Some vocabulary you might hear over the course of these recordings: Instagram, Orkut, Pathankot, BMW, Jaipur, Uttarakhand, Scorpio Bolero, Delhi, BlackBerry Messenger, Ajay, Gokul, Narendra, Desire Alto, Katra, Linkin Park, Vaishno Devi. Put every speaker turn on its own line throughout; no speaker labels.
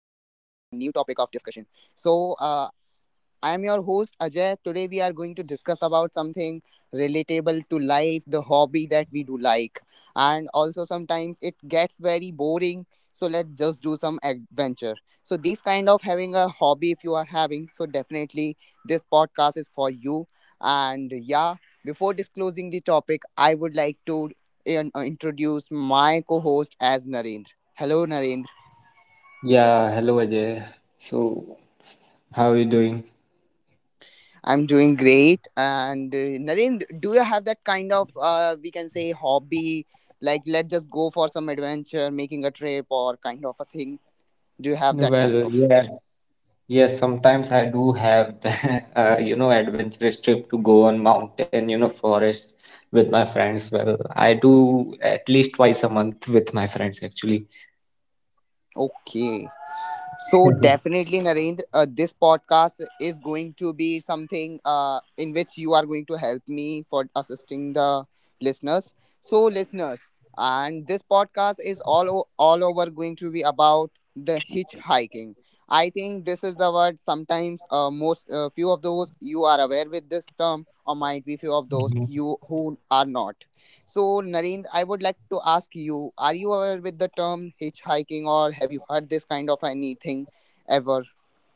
So, I am your host Ajay. Today we are going to discuss about something relatable to life, the hobby that we do like. And also sometimes it gets very boring, so let's just do some adventure. So these kind of having a hobby if you are having, so definitely this podcast is for you. And yeah, before disclosing the topic, I would like to introduce my co-host as Narendra. Hello Narendra.
Yeah, hello Ajay. So, how are you doing?
I'm doing great. And Naren, do you have that kind of, we can say, hobby? Like, let's just go for some adventure, making a trip, or kind of a thing. Do you have that kind
Well,
of?
yeah, yes, sometimes I do have the, adventurous trip to go on mountain, forest with my friends. Well, I do at least twice a month with my friends actually.
Okay. So definitely, Narendra, this podcast is going to be something in which you are going to help me for assisting the listeners. So listeners, and this podcast is all over going to be about the hitchhiking. I think this is the word. Sometimes, most few of those you are aware with this term, or might be few of those
Mhm.
you who are not. So, Narendra, I would like to ask you, are you aware with the term hitchhiking or have you heard this kind of anything ever?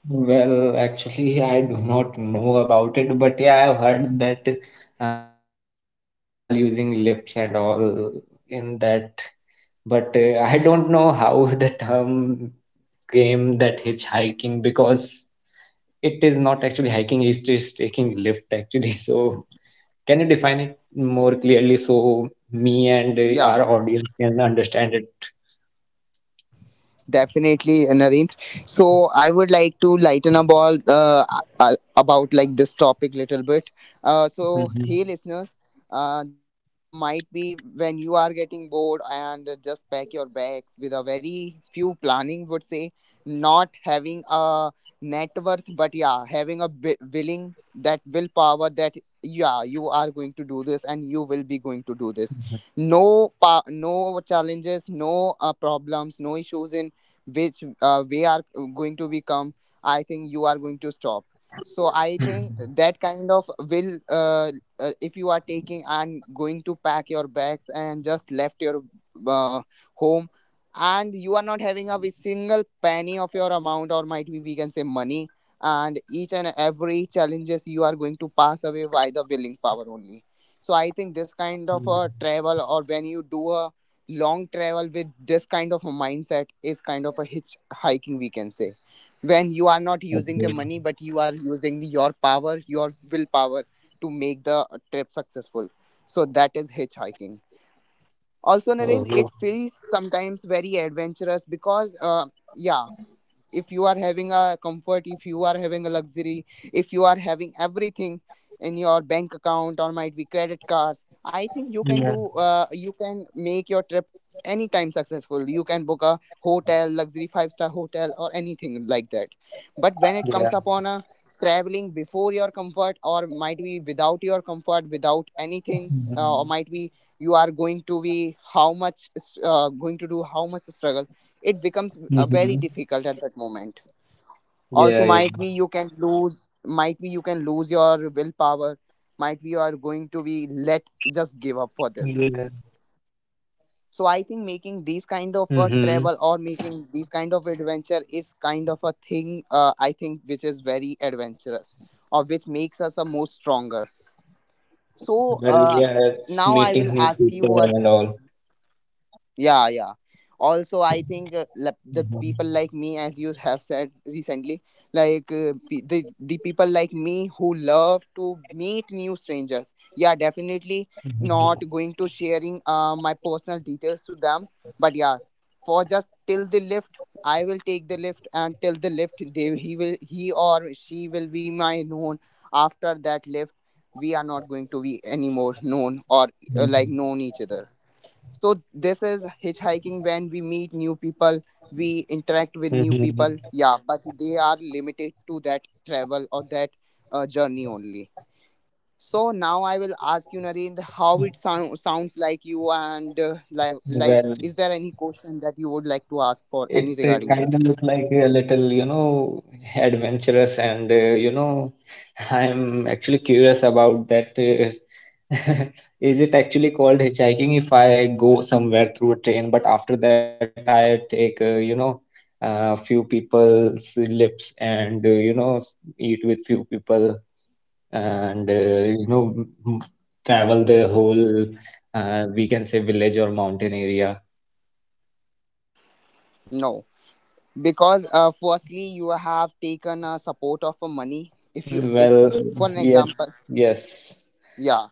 Well, actually, I do not know about it, but yeah, I've heard that people travel using lifts and all in that, but I don't know how the term claim that hitchhiking because it is not actually hiking, it is taking lift actually. So, can you define it more clearly so me and our
Yeah.
audience can understand it?
Definitely, Narendra. So I would like to lighten up all about like this topic little bit. So
Mhm,
hey, listeners, the trap might be when you are getting bored and just pack your bags with a very few planning. Would say not having a net worth, but yeah, having a willing, that willpower that yeah, you are going to do this and you will be going to do this.
mhm,
No challenges, no problems, no issues in which we are going to become. I think you are going to stop. So I think
mhm,
that kind of will if you are taking and going to pack your bags and just left your uh, home, and you are not having a single penny of your amount, or might be we can say money, and each and every challenges you are going to pass away by the willing power only. So I think this kind of a
mhm.
travel, or when you do a long travel with this kind of a mindset, is kind of a hitchhiking, we can say, when you are not using the
Okay.
money but you are using your power, your willpower, to make the trip successful. So that is hitchhiking. Also, Narendra, it
Oh.
feels sometimes very adventurous, because yeah, if you are having a comfort, if you are having a luxury, if you are having everything in your bank account or might be credit cards, I think you can
Yeah,
do you can make your trip anytime successful. You can book a hotel, luxury five-star hotel, or anything like that. But when it
yeah.
comes upon a traveling before your comfort, or might be without your comfort, without anything, or
Mhm,
might be, you are going to be how much going to do how much struggle, it becomes very
mhm.
difficult at that moment. Also,
Yeah,
might
yeah.
be you can lose, might be you can lose your willpower, might be you are going to
Yeah.
be let just give up for this.
Mm-hmm.
So I think making these kind of a travel or making these kind of adventure is kind of a thing, I think, which is very adventurous, or which makes us a most stronger.
Well, yes, meeting
So
new people and
now I
all.
will ask you a— Yeah, yeah. Also, I
Mhm,
think the people like me, as you have said recently, like the people like me who love to meet new strangers. Yeah, definitely not going to sharing my personal details to them. But yeah, for just till the lift, I will take the lift, and till the lift, they he or she will be my known. After that lift, we are not going to be anymore known, or
mhm,
like known each other. So this is hitchhiking. When we meet new people, we interact with
mhm,
new people, yeah, but they are limited to that travel or that journey only. So now I will ask you, Narendra,
mhm.
how it sounds like you, and like
Well,
is there any question that you would like to ask for
it
any regarding
kind of
this?
look like a little, adventurous, and I'm actually curious about that. Is it actually called hitchhiking if I go somewhere through a train, but after that I take, a few people's lips and eat with few people and travel the whole, we can say village or mountain area.
No. Because firstly you have taken a support of a money. If
Well,
for an example.
yes, yes.
Yeah.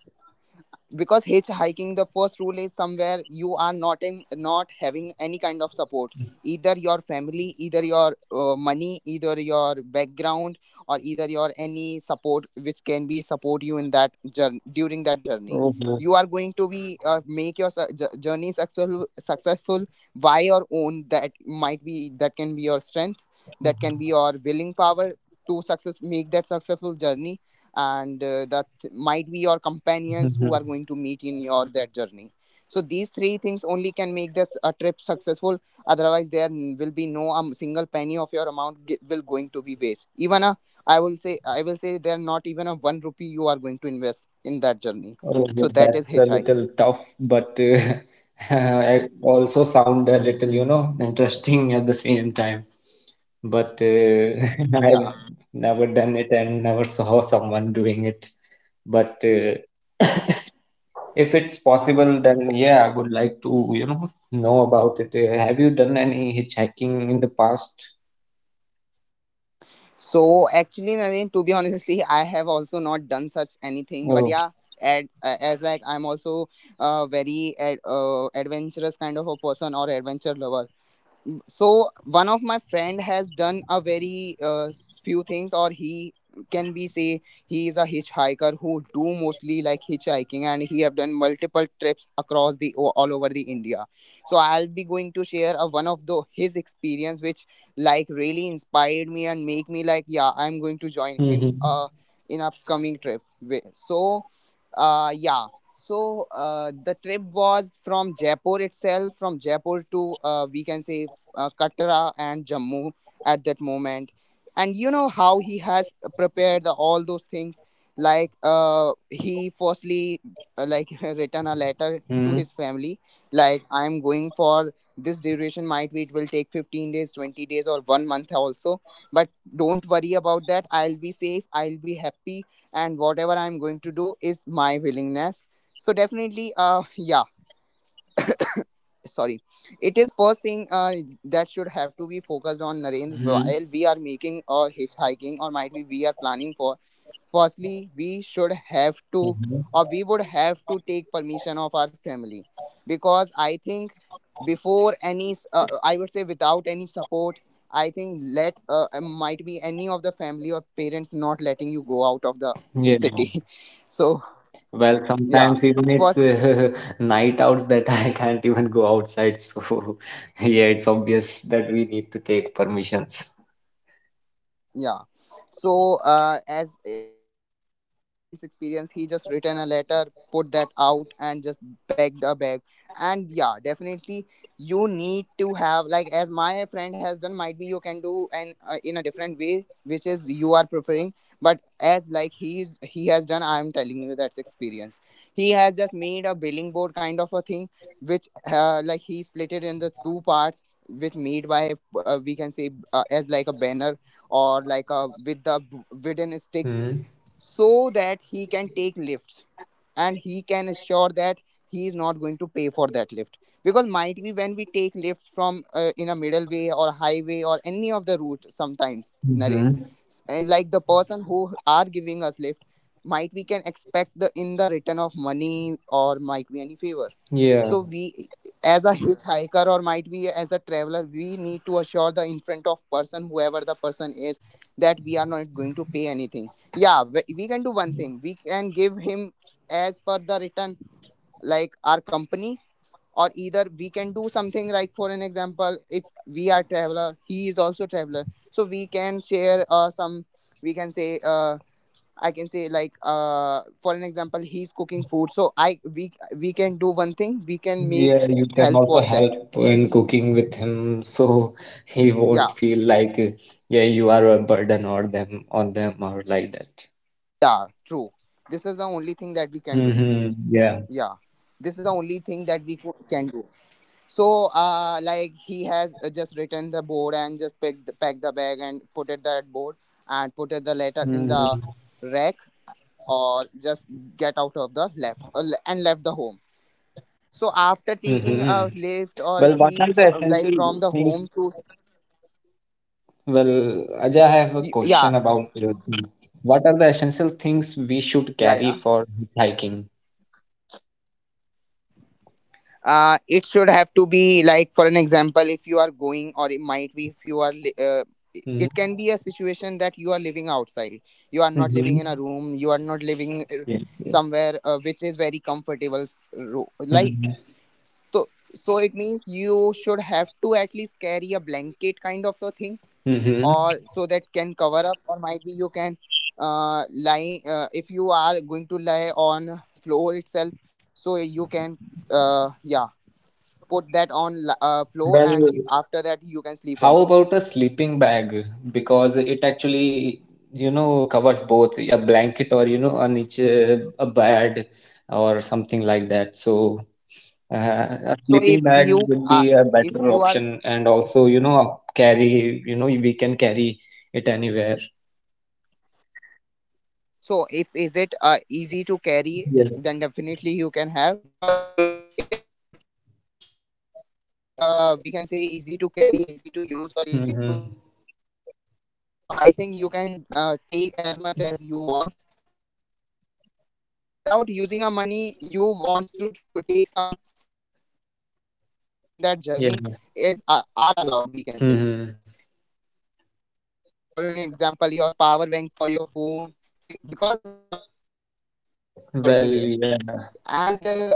Because hitchhiking, the first rule is somewhere you are not in, not having any kind of support, either your family, either your money, either your background, or either your any support, which can be support you in that journey, during that journey.
Oh, no.
You are going to be make your journey successful by your own. That might be, that can be your strength, that can be your willing power to success make that successful journey. And that might be your companions who
Mhm.
are going to meet in your that journey. So these three things only can make this a trip successful. Otherwise there will be no single penny of your amount will going to be waste, even a— I will say there not even a 1 rupee you are going to invest in that journey.
Oh, yeah,
So that is
that's a
hitchhiking.
little tough, but I also sound a little, interesting at the same time. But
Yeah.
I've never done it and never saw someone doing it. But if it's possible, then yeah, I would like to, know about it. Have you done any hitchhiking in the past?
So actually, Naren, to be honestly, I have also not done such anything. But
Oh.
yeah, as like I'm also a very adventurous kind of a person, or adventure lover. So one of my friend has done a very few things, or he can be say he is a hitchhiker who do mostly like hitchhiking, and he have done multiple trips across the all over the India. So I'll be going to share one of the his experience, which like really inspired me and make me like, yeah, I'm going to join
Mm-hmm.
him in upcoming trip. So yeah. So the trip was from Jaipur itself, from Jaipur to, we can say, Katra and Jammu, at that moment. And you know how he has prepared all those things. Like he firstly like written a letter to his family, like, I'm going for this duration. Might be it will take 15 days, 20 days, or 1 month also. But don't worry about that. I'll be safe. I'll be happy, and whatever I'm going to do is my willingness. So definitely, yeah, sorry, it is first thing that should have
Mm-hmm.
to be focused on, Narendra, while we are making or hitchhiking, or might be we are planning for, firstly we
Mm-hmm.
should have to, or we would have to take permission of our family. Because I think before any I would say, without any support, I think, let might be any of the family or parents not letting you go out of
Yeah.
the city. So
Well, sometimes
yeah,
even it's
first.
night outs that I can't even go outside. So, yeah, it's obvious that we need to take permissions.
Yeah. So as if I'm talking about my friend's experience, he just written a letter, put that out, and just begged a bag. And yeah, definitely you need to have, like as my friend has done, might be you can do, and in a different way which is you are preferring. But as like he has done, I'm telling you that's experience. He has just made a billing board kind of a thing, which like he split it in the two parts, which made by, we can say, as like a banner, or like a with the wooden sticks.
Hmm.
So that he can take lifts, and he can assure that he is not going to pay for that lift. Because might be when we take lifts from, in a middle way or highway or any of the route, sometimes, Narendra,
Mm-hmm.
and like the person who are giving us lift, might we can expect the in the return of money, or might be any favor.
Yeah,
So we, as a hitchhiker or might be as a traveler, we need to assure the in front of person, whoever the person is, that we are not going to pay anything. Yeah, we can do one thing, we can give him as per the written, like our company. Or either we can do something like, for an example, if we are traveler, he is also traveler, so we can share some, we can say, I can say, like, for an example, he's cooking food. So I we can do one thing, we can make
yeah, you can
help
also
for that.
help in cooking with him so he won't
Yeah.
feel like, yeah, you are a burden or them or like that.
Yeah, true. This is the only thing that we can do.
Mm-hmm.
Yeah,
Yeah.
this is the only thing that we can do. So, like he has just written the board, and just pack the bag, and put it that board, and put it
Mm-hmm.
the letter in the rack, or just get out of the and left the home. So after taking
Mm-hmm.
a lift, or
Well,
he
what are the
like from
essential
the home
things Well, Ajay, I have a
yeah,
question about you. What are the essential things we
yeah,
should
yeah.
carry for hiking?
It should have to be, like, for an example, if you are going, or it might be if you are it can be
Hmm.
a situation that you are living outside. You are not living in
Hmm.
a room, you are not living
Yes, yes.
somewhere which is very comfortable, like, so so it means you should have to at least carry a blanket kind of a thing,
Mm-hmm.
or so that can cover up, or might be you can lie, if you are going to lie on floor itself, so you can, yeah, put that on floor, and
Well,
after that you can sleep on
how
it.
about a sleeping bag? Because it actually, covers both a blanket or, a niche, a bed or something like that. So, uh, a
So
sleeping bag
you
would
uh,
be a
if
better
you are
option. And also, carry, we can carry it anywhere.
so if is it easy to carry,
Yes.
then definitely you can have, because it depends on your essentials, if are they, we can say, easy to carry, easy to use, or easy to bring
Mhm.
anywhere. So I think you can take as much as you want, or yeah, without using a money, you want to take some few things which can help you in that
Yeah.
journey, is are allowed, we can say.
Mhm.
For an example, your charger, for an example, your power bank for your phone. Because without phone I think you cannot survive
Well,
anywhere.
yeah.
And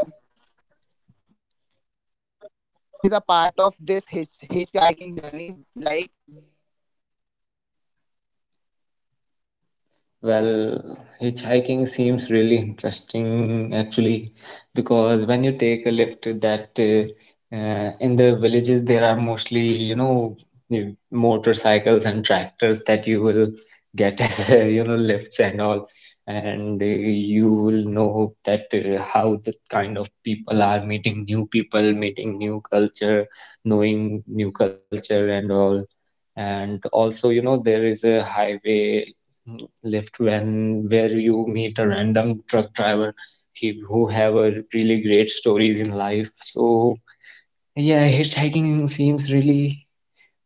yeah. Also, it is a part of this hitchhiking journey. Like, you need it to be safe. You need it to be without risk, because if you are
Well,
going outside
hitchhiking
without any
seems really
support or without anything,
interesting
so I
actually,
think first thing will
because
be,
when you take a
you
lift
need to
that
make assure that you are
in the
going to be
villages
safe,
there are mostly,
wherever are you going. And first,
motorcycles and
just
tractors that
share
you
your
will
location with your
get as
close
a,
ones, that
lifts
can
and
be a
all,
very
and you
powerful
will
bullet point
know
for
that
the risk rule,
how
or
the
as a
kind of people
safety,
are meeting
while
new
you
people,
are
meeting new
like going to
culture,
plan for a
knowing
hitchhiking
new
trip,
culture and all.
so
And also, there is a highway, mm, left when where you meet a random truck driver, he, who have a really great stories in life. So yeah, hitchhiking seems really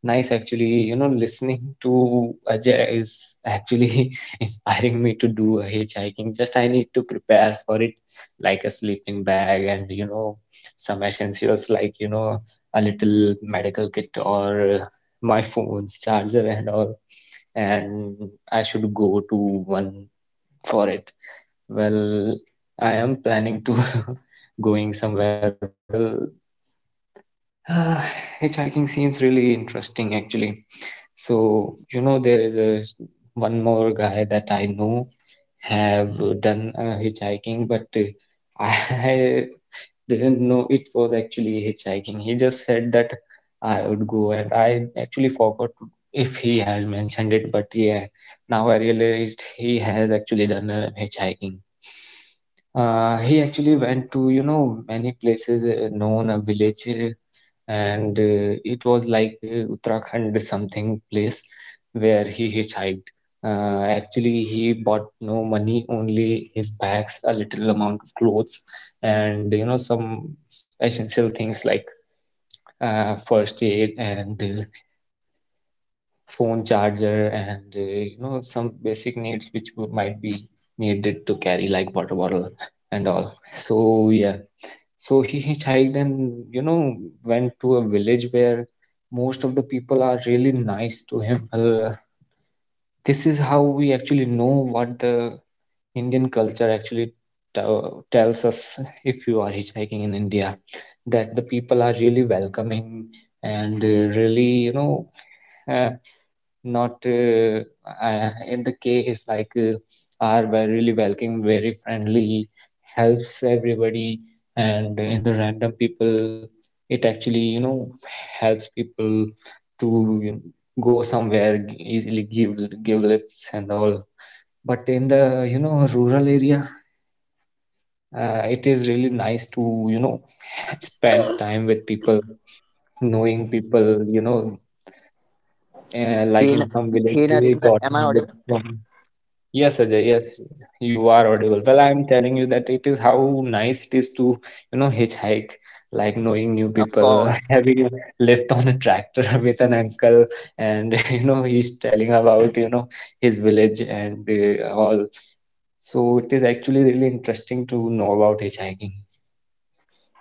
nice, actually. You know, listening to Ajay is actually inspiring me to do a hitchhiking. Just I need to prepare for it, like a sleeping bag and, some essentials like, a little medical kit or my phone's charger and all. And I should go to one for it. Well, I am planning to going somewhere. Well, hitchhiking seems really interesting, actually. So, there is a one more guy that I know have done hitchhiking, but I didn't know it was actually hitchhiking. He just said that I would go, and I actually forgot if he has mentioned it, but yeah, now I realized he has actually done hitchhiking. He actually went to, many places known a village, and it was like Uttarakhand something place where he hitchhiked. Actually, he bought no money, only his bags, a little amount of clothes, and you know some essential things like first aid and phone charger, and some basic needs which might be needed to carry like water bottle and all. So yeah, so he hitchhiked and you know went to a village where most of the people are really nice to him. Well, this is how we actually know what the Indian culture actually tells us. If you are hitchhiking in India, that the people are really welcoming and really, uh, not in the case like are very really welcome, very friendly, helps everybody, and in the random people it actually, helps people to, go somewhere, easily give lifts and all, but in the, rural area, it is really nice to, spend time with people, knowing people, like in
He,
some village
he,
we got to
am
know
I audible?
from. Yes, Ajay, yes, you are audible. Well, I'm telling you that it is how nice it is to, hitchhike, like knowing new
Of
people,
course.
having lived on a tractor with an uncle, and you know, he's telling about, his village and all. So it is actually really interesting to know about hitchhiking.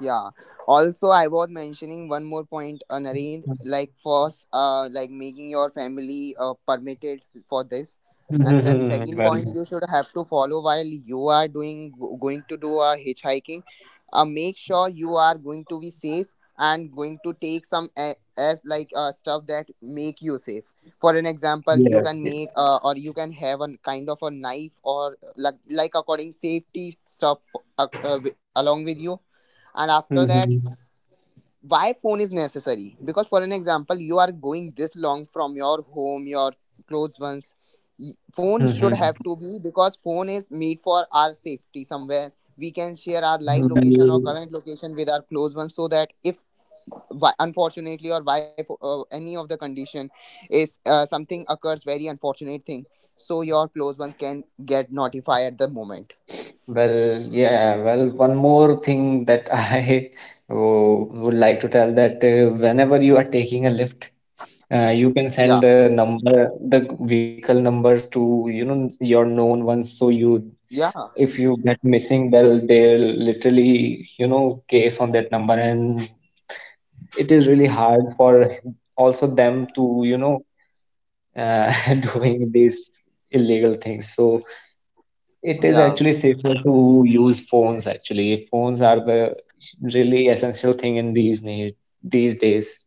Yeah. Also, I was mentioning one more point, Narendra, like first, like making your family permitted for this, and then second point,
Well,
you should have to follow while you are doing going to do a hitchhiking. Make sure you are going to be safe and going to take some as like stuff that make you safe. For an example,
yes,
you can
yes.
make or you can have a kind of a knife or like according safety stuff along with you, and after that,
Mhm,
why phone is necessary? Because for an example, you are going this long from your home, your close ones. Phone should
mhm.
have to be, because phone is made for our safety somewhere we can share our live location or
Well,
current location with our close ones, so that if unfortunately or why any of the condition is something occurs, very unfortunate thing, so your close ones can get notified at the moment.
well, yeah, well, one more thing that I would like to tell that whenever you are taking a lift, you can
Yeah.
send the number, the vehicle numbers to, your known ones. So you,
Yeah.
if you get missing, they'll literally, case on that number, and it is really hard for also them to, doing these illegal things. So it is
Yeah.
actually safer to use phones actually. Phones are the really essential thing in these need these days.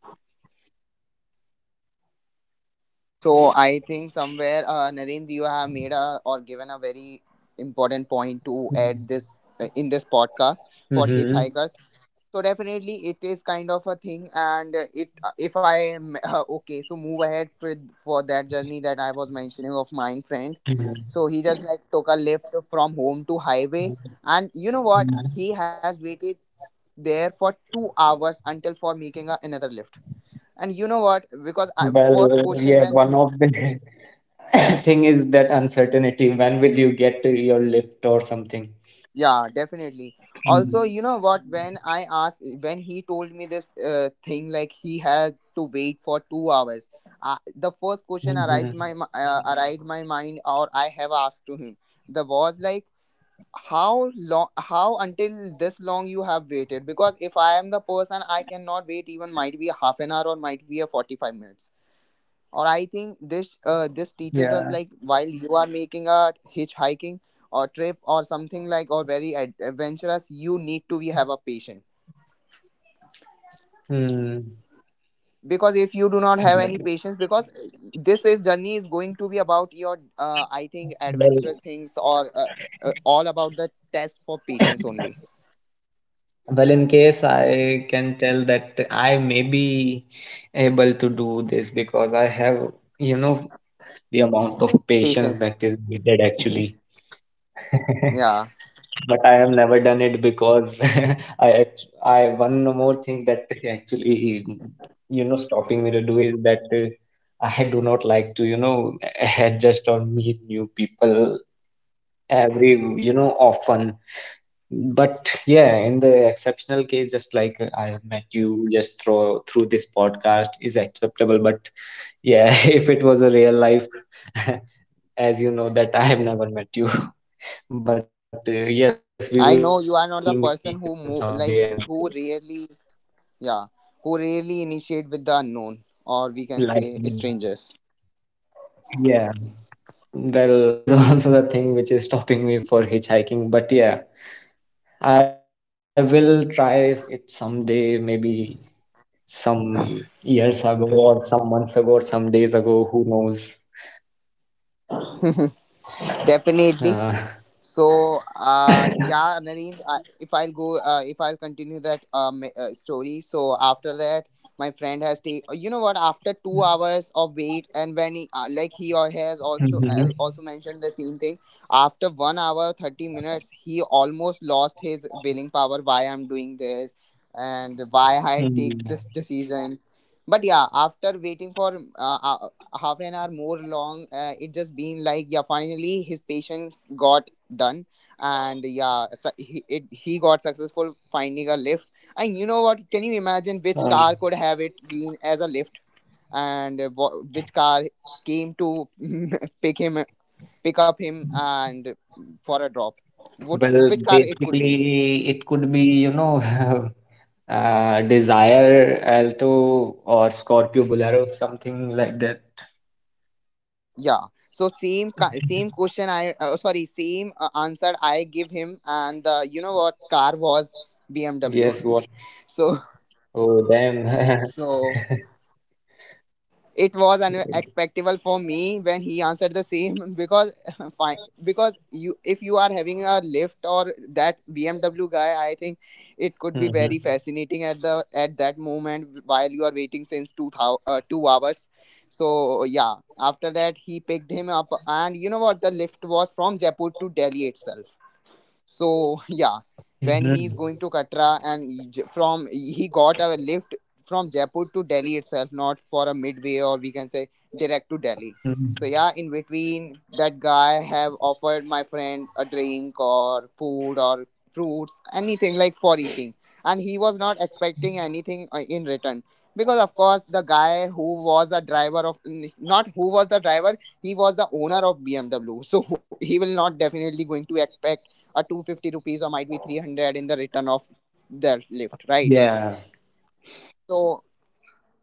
So I think somewhere, Narendra, you have made a or given a very important point to add this in this podcast for
Mm-hmm.
hitchhikers. So definitely, it is kind of a thing, and it, if I am, okay, so move ahead for that journey that I was mentioning of mine friend. So he just like took a lift from home to highway, and you know what? He has waited there for 2 hours, until for making another lift. And you know what? Because first
Well,
question
yeah,
when he.
one of the thing is that uncertainty. When will you get to your lift or something?
Yeah, definitely. Also, you know what? When I asked, when he told me this thing, like he had to wait for 2 hours, the first question
Mm-hmm.
arise my arrived my mind, or I have asked to him. The was like, how long? How until this long you have waited? Because if I am the person, I cannot wait, even might be half an hour or might be a 45 minutes, or I think this uh,
Yeah.
this teaches us, like, while you are making a hitchhiking or trip or something, like, or very adventurous, you need to be have a patient.
Mm.
Because if you do not have
Well,
any patience, because this is journey is going to be about your I think
well,
adventurous things, or uh, all about the test for patience only.
well, in case I can tell that I may be able to do this because I have, you know, the amount of patience
Patience.
that is needed actually.
Yeah.
But I have never done it because I one more thing that actually, stopping me to do is that I do not like to, adjust or meet new people every, often. But yeah, in the exceptional case, just like I have met you just through this podcast is acceptable. But yeah, if it was a real life, as you know, that I have never met you. But yes, we will meet in
I
some
know,
day
you are
and
not the person who move, like, who rarely, yeah, who rarely
like,
initiate with the unknown, or we can say,
yeah,
strangers.
well, this is also the thing which is stopping me for hitchhiking. But yeah, I will try it someday, maybe some years ago or some months ago or some days ago, who knows. Uh,
Definitely. So, yeah, Nareen, I, if I'll go, if I'll continue that story. So, after that, my friend has taken, you know what, after 2 hours of wait, and when he, like he or he has
Mhm.
also also mentioned the same thing, after 1 hour, 30 minutes, he almost lost his willing power, why I'm doing this and why
Mm.
I take this decision. But yeah, after waiting for half an hour more long, it just been like, yeah, finally his patience got done, and yeah he got successful finding a lift. And you know what, can you imagine which
Um,
car could have it been as a lift? And which car came to pick him pick up him and for a drop? What?
well,
Which car it could be?
basically, it could be, uh, Desire Alto or Scorpio Bolero, something like that.
Yeah. So same question I, sorry, same answer I give him, and you know what car was? BMW.
Yes, what?
So
Oh, damn.
so it was unexpectable for me when he answered the same. Because fine, because you if you are having a lift or that BMW guy, I think it could be very
Mhm.
fascinating at the at that moment while you are waiting since 2 hours. So yeah, after that he picked him up, and you know what, the lift was from Jaipur to Delhi itself. So yeah, when
Mhm.
he's going to Katra and he got a lift from Jaipur to Delhi itself, not for a midway, or we can say, direct to Delhi.
Mhm.
So yeah, in between, that guy have offered my friend a drink or food or fruits, anything like for eating, and he was not expecting anything in return, because of course the guy who was the driver not who was the driver, he was the owner of BMW. So he will not definitely going to expect a 250 rupees or might be 300 in the return of the lift, right?
Yeah.
So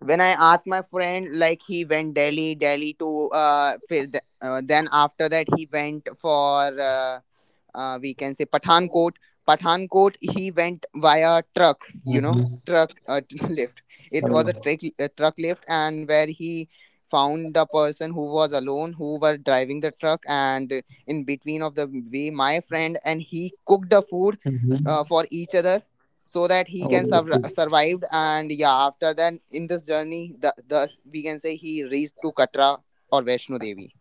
when I asked my friend, like he went Delhi to then, after that, he went for we can say Pathankot. Pathankot, he went via truck, you know,
Mhm.
truck lift. It was a
Mhm.
truck, lift, and where he found the person who was alone, who were driving the truck, and in between of the way, my friend and he cooked the food
Mhm.
for each other, so that he
Oh,
can
okay.
survive. And yeah, after that, in this journey, thus we can say he reached to Katra or Vaishno Devi.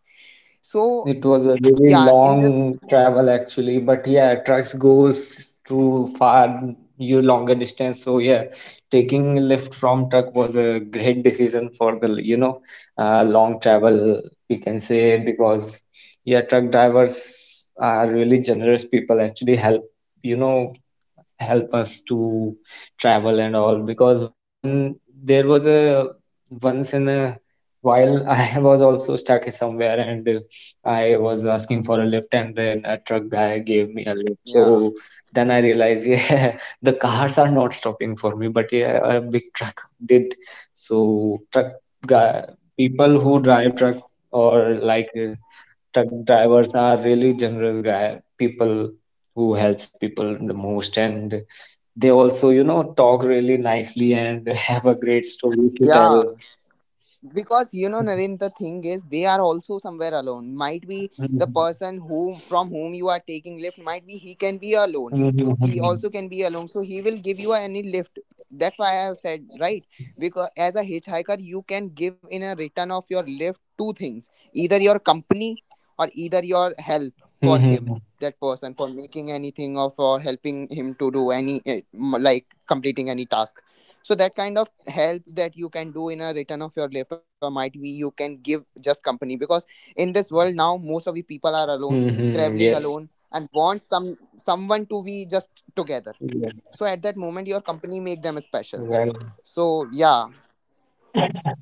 So
It was a really
yeah, in this
long travel actually, but yeah, trucks goes too far you longer distance. So yeah, taking lift from truck was a great decision for the, long travel, we can say, because yeah, truck drivers are really generous people actually, help, you know help us to travel and all, because one, there was a, once in a while, I was also stuck somewhere and I was asking for a lift and then a truck guy gave me a lift.
yeah.
So then I realized yeah, the cars are not stopping for me, but yeah, a big truck did. So truck guy, people who drive truck, or like truck drivers are really generous guy people who helps people the most, and they also, talk really nicely and have a great story to
Yeah,
tell.
because you know Naren, the thing is they are also somewhere alone, might be the person whom you are taking lift, might be he can be alone, he
Hmm.
also can be alone, so he will give you any lift. That's why I have said, right? Because as a hitchhiker, you can give, in a return of your lift, two things, either your company or either your help for him, that person, for making anything or for helping him to do any like completing any task. So that kind of help that you can do in a return of your lift, or might be you can give just company, because in this world now, most of the people are alone,
Hmm.
traveling
Yes.
alone and want some someone to be just together.
Yeah.
So at that moment, your company make them special.
Well.
So yeah,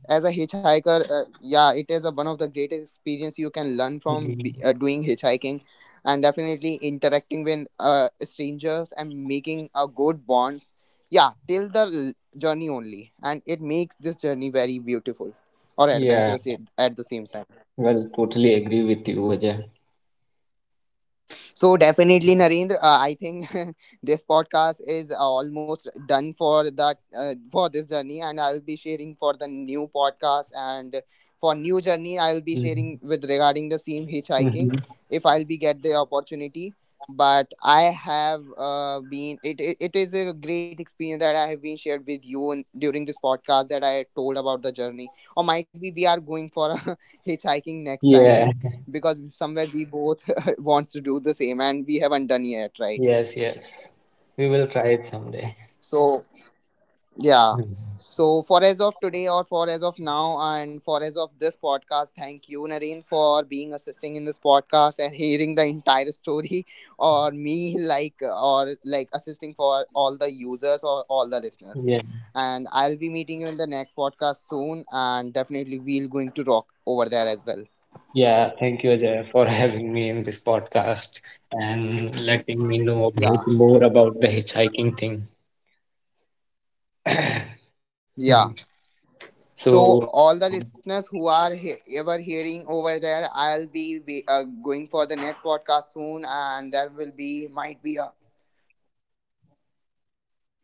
as a hitchhiker, yeah, it is one of the greatest experience you can learn from
Mhm.
doing hitchhiking, and definitely interacting with strangers and making a good bonds, yeah, till the journey only, and it makes this journey very beautiful or
Yeah.
adventurous at the same time.
Well, totally agree with you, Ajay.
So definitely, Narendra, I think this podcast is almost done for that, for this journey, and I'll be sharing for the new podcast and for new journey. I'll be sharing
Hmm.
with regarding the same hitchhiking,
Hmm.
if I'll be get the opportunity. But I have been it, it. It is a great experience that I have been shared with you during this podcast, that I told about the journey, or might be we are going for a hitchhiking next time,
Yeah.
because somewhere we both wants to do the same, and we haven't done yet, right?
Yes. Yes. We will try it someday.
So yeah.
Mhm.
So for as of today, or for as of now, and for as of this podcast, thank you Naren for being assisting in this podcast and hearing the entire story, or like assisting for all the users or all the listeners,
Yeah.
and I'll be meeting you in the next podcast soon, and definitely we'll going to rock over there as well.
Yeah, thank you, Ajay, for having me in this podcast and letting me know a
Yeah.
bit more about the hitchhiking thing. Hmm.
Yeah.
So,
So all the listeners who are ever hearing over there, I'll be going for the next podcast soon, and
mhm.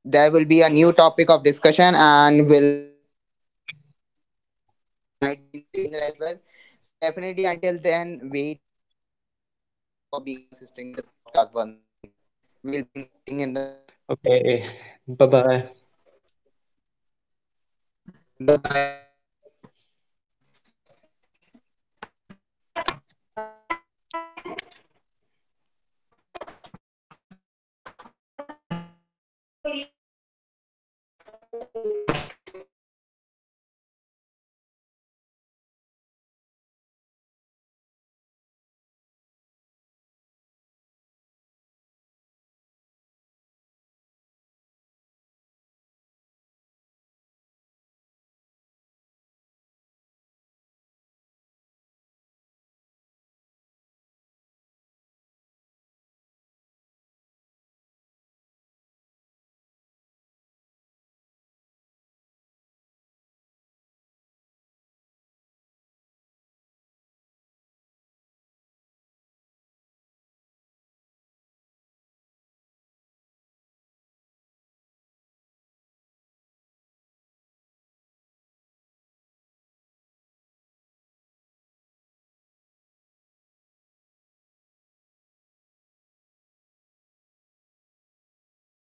there will be a new topic of discussion, and will the whole host will be the same, might be Narendra as well. So definitely, until then, wait and watch, and thank you Narendra for being assisting this podcast once again. We'll be meeting in the next podcast.
Okay, bye bye.
Bye bye. Take care. वो take care, भाई time देख ले, जा तू पे पूरा cream और colour कर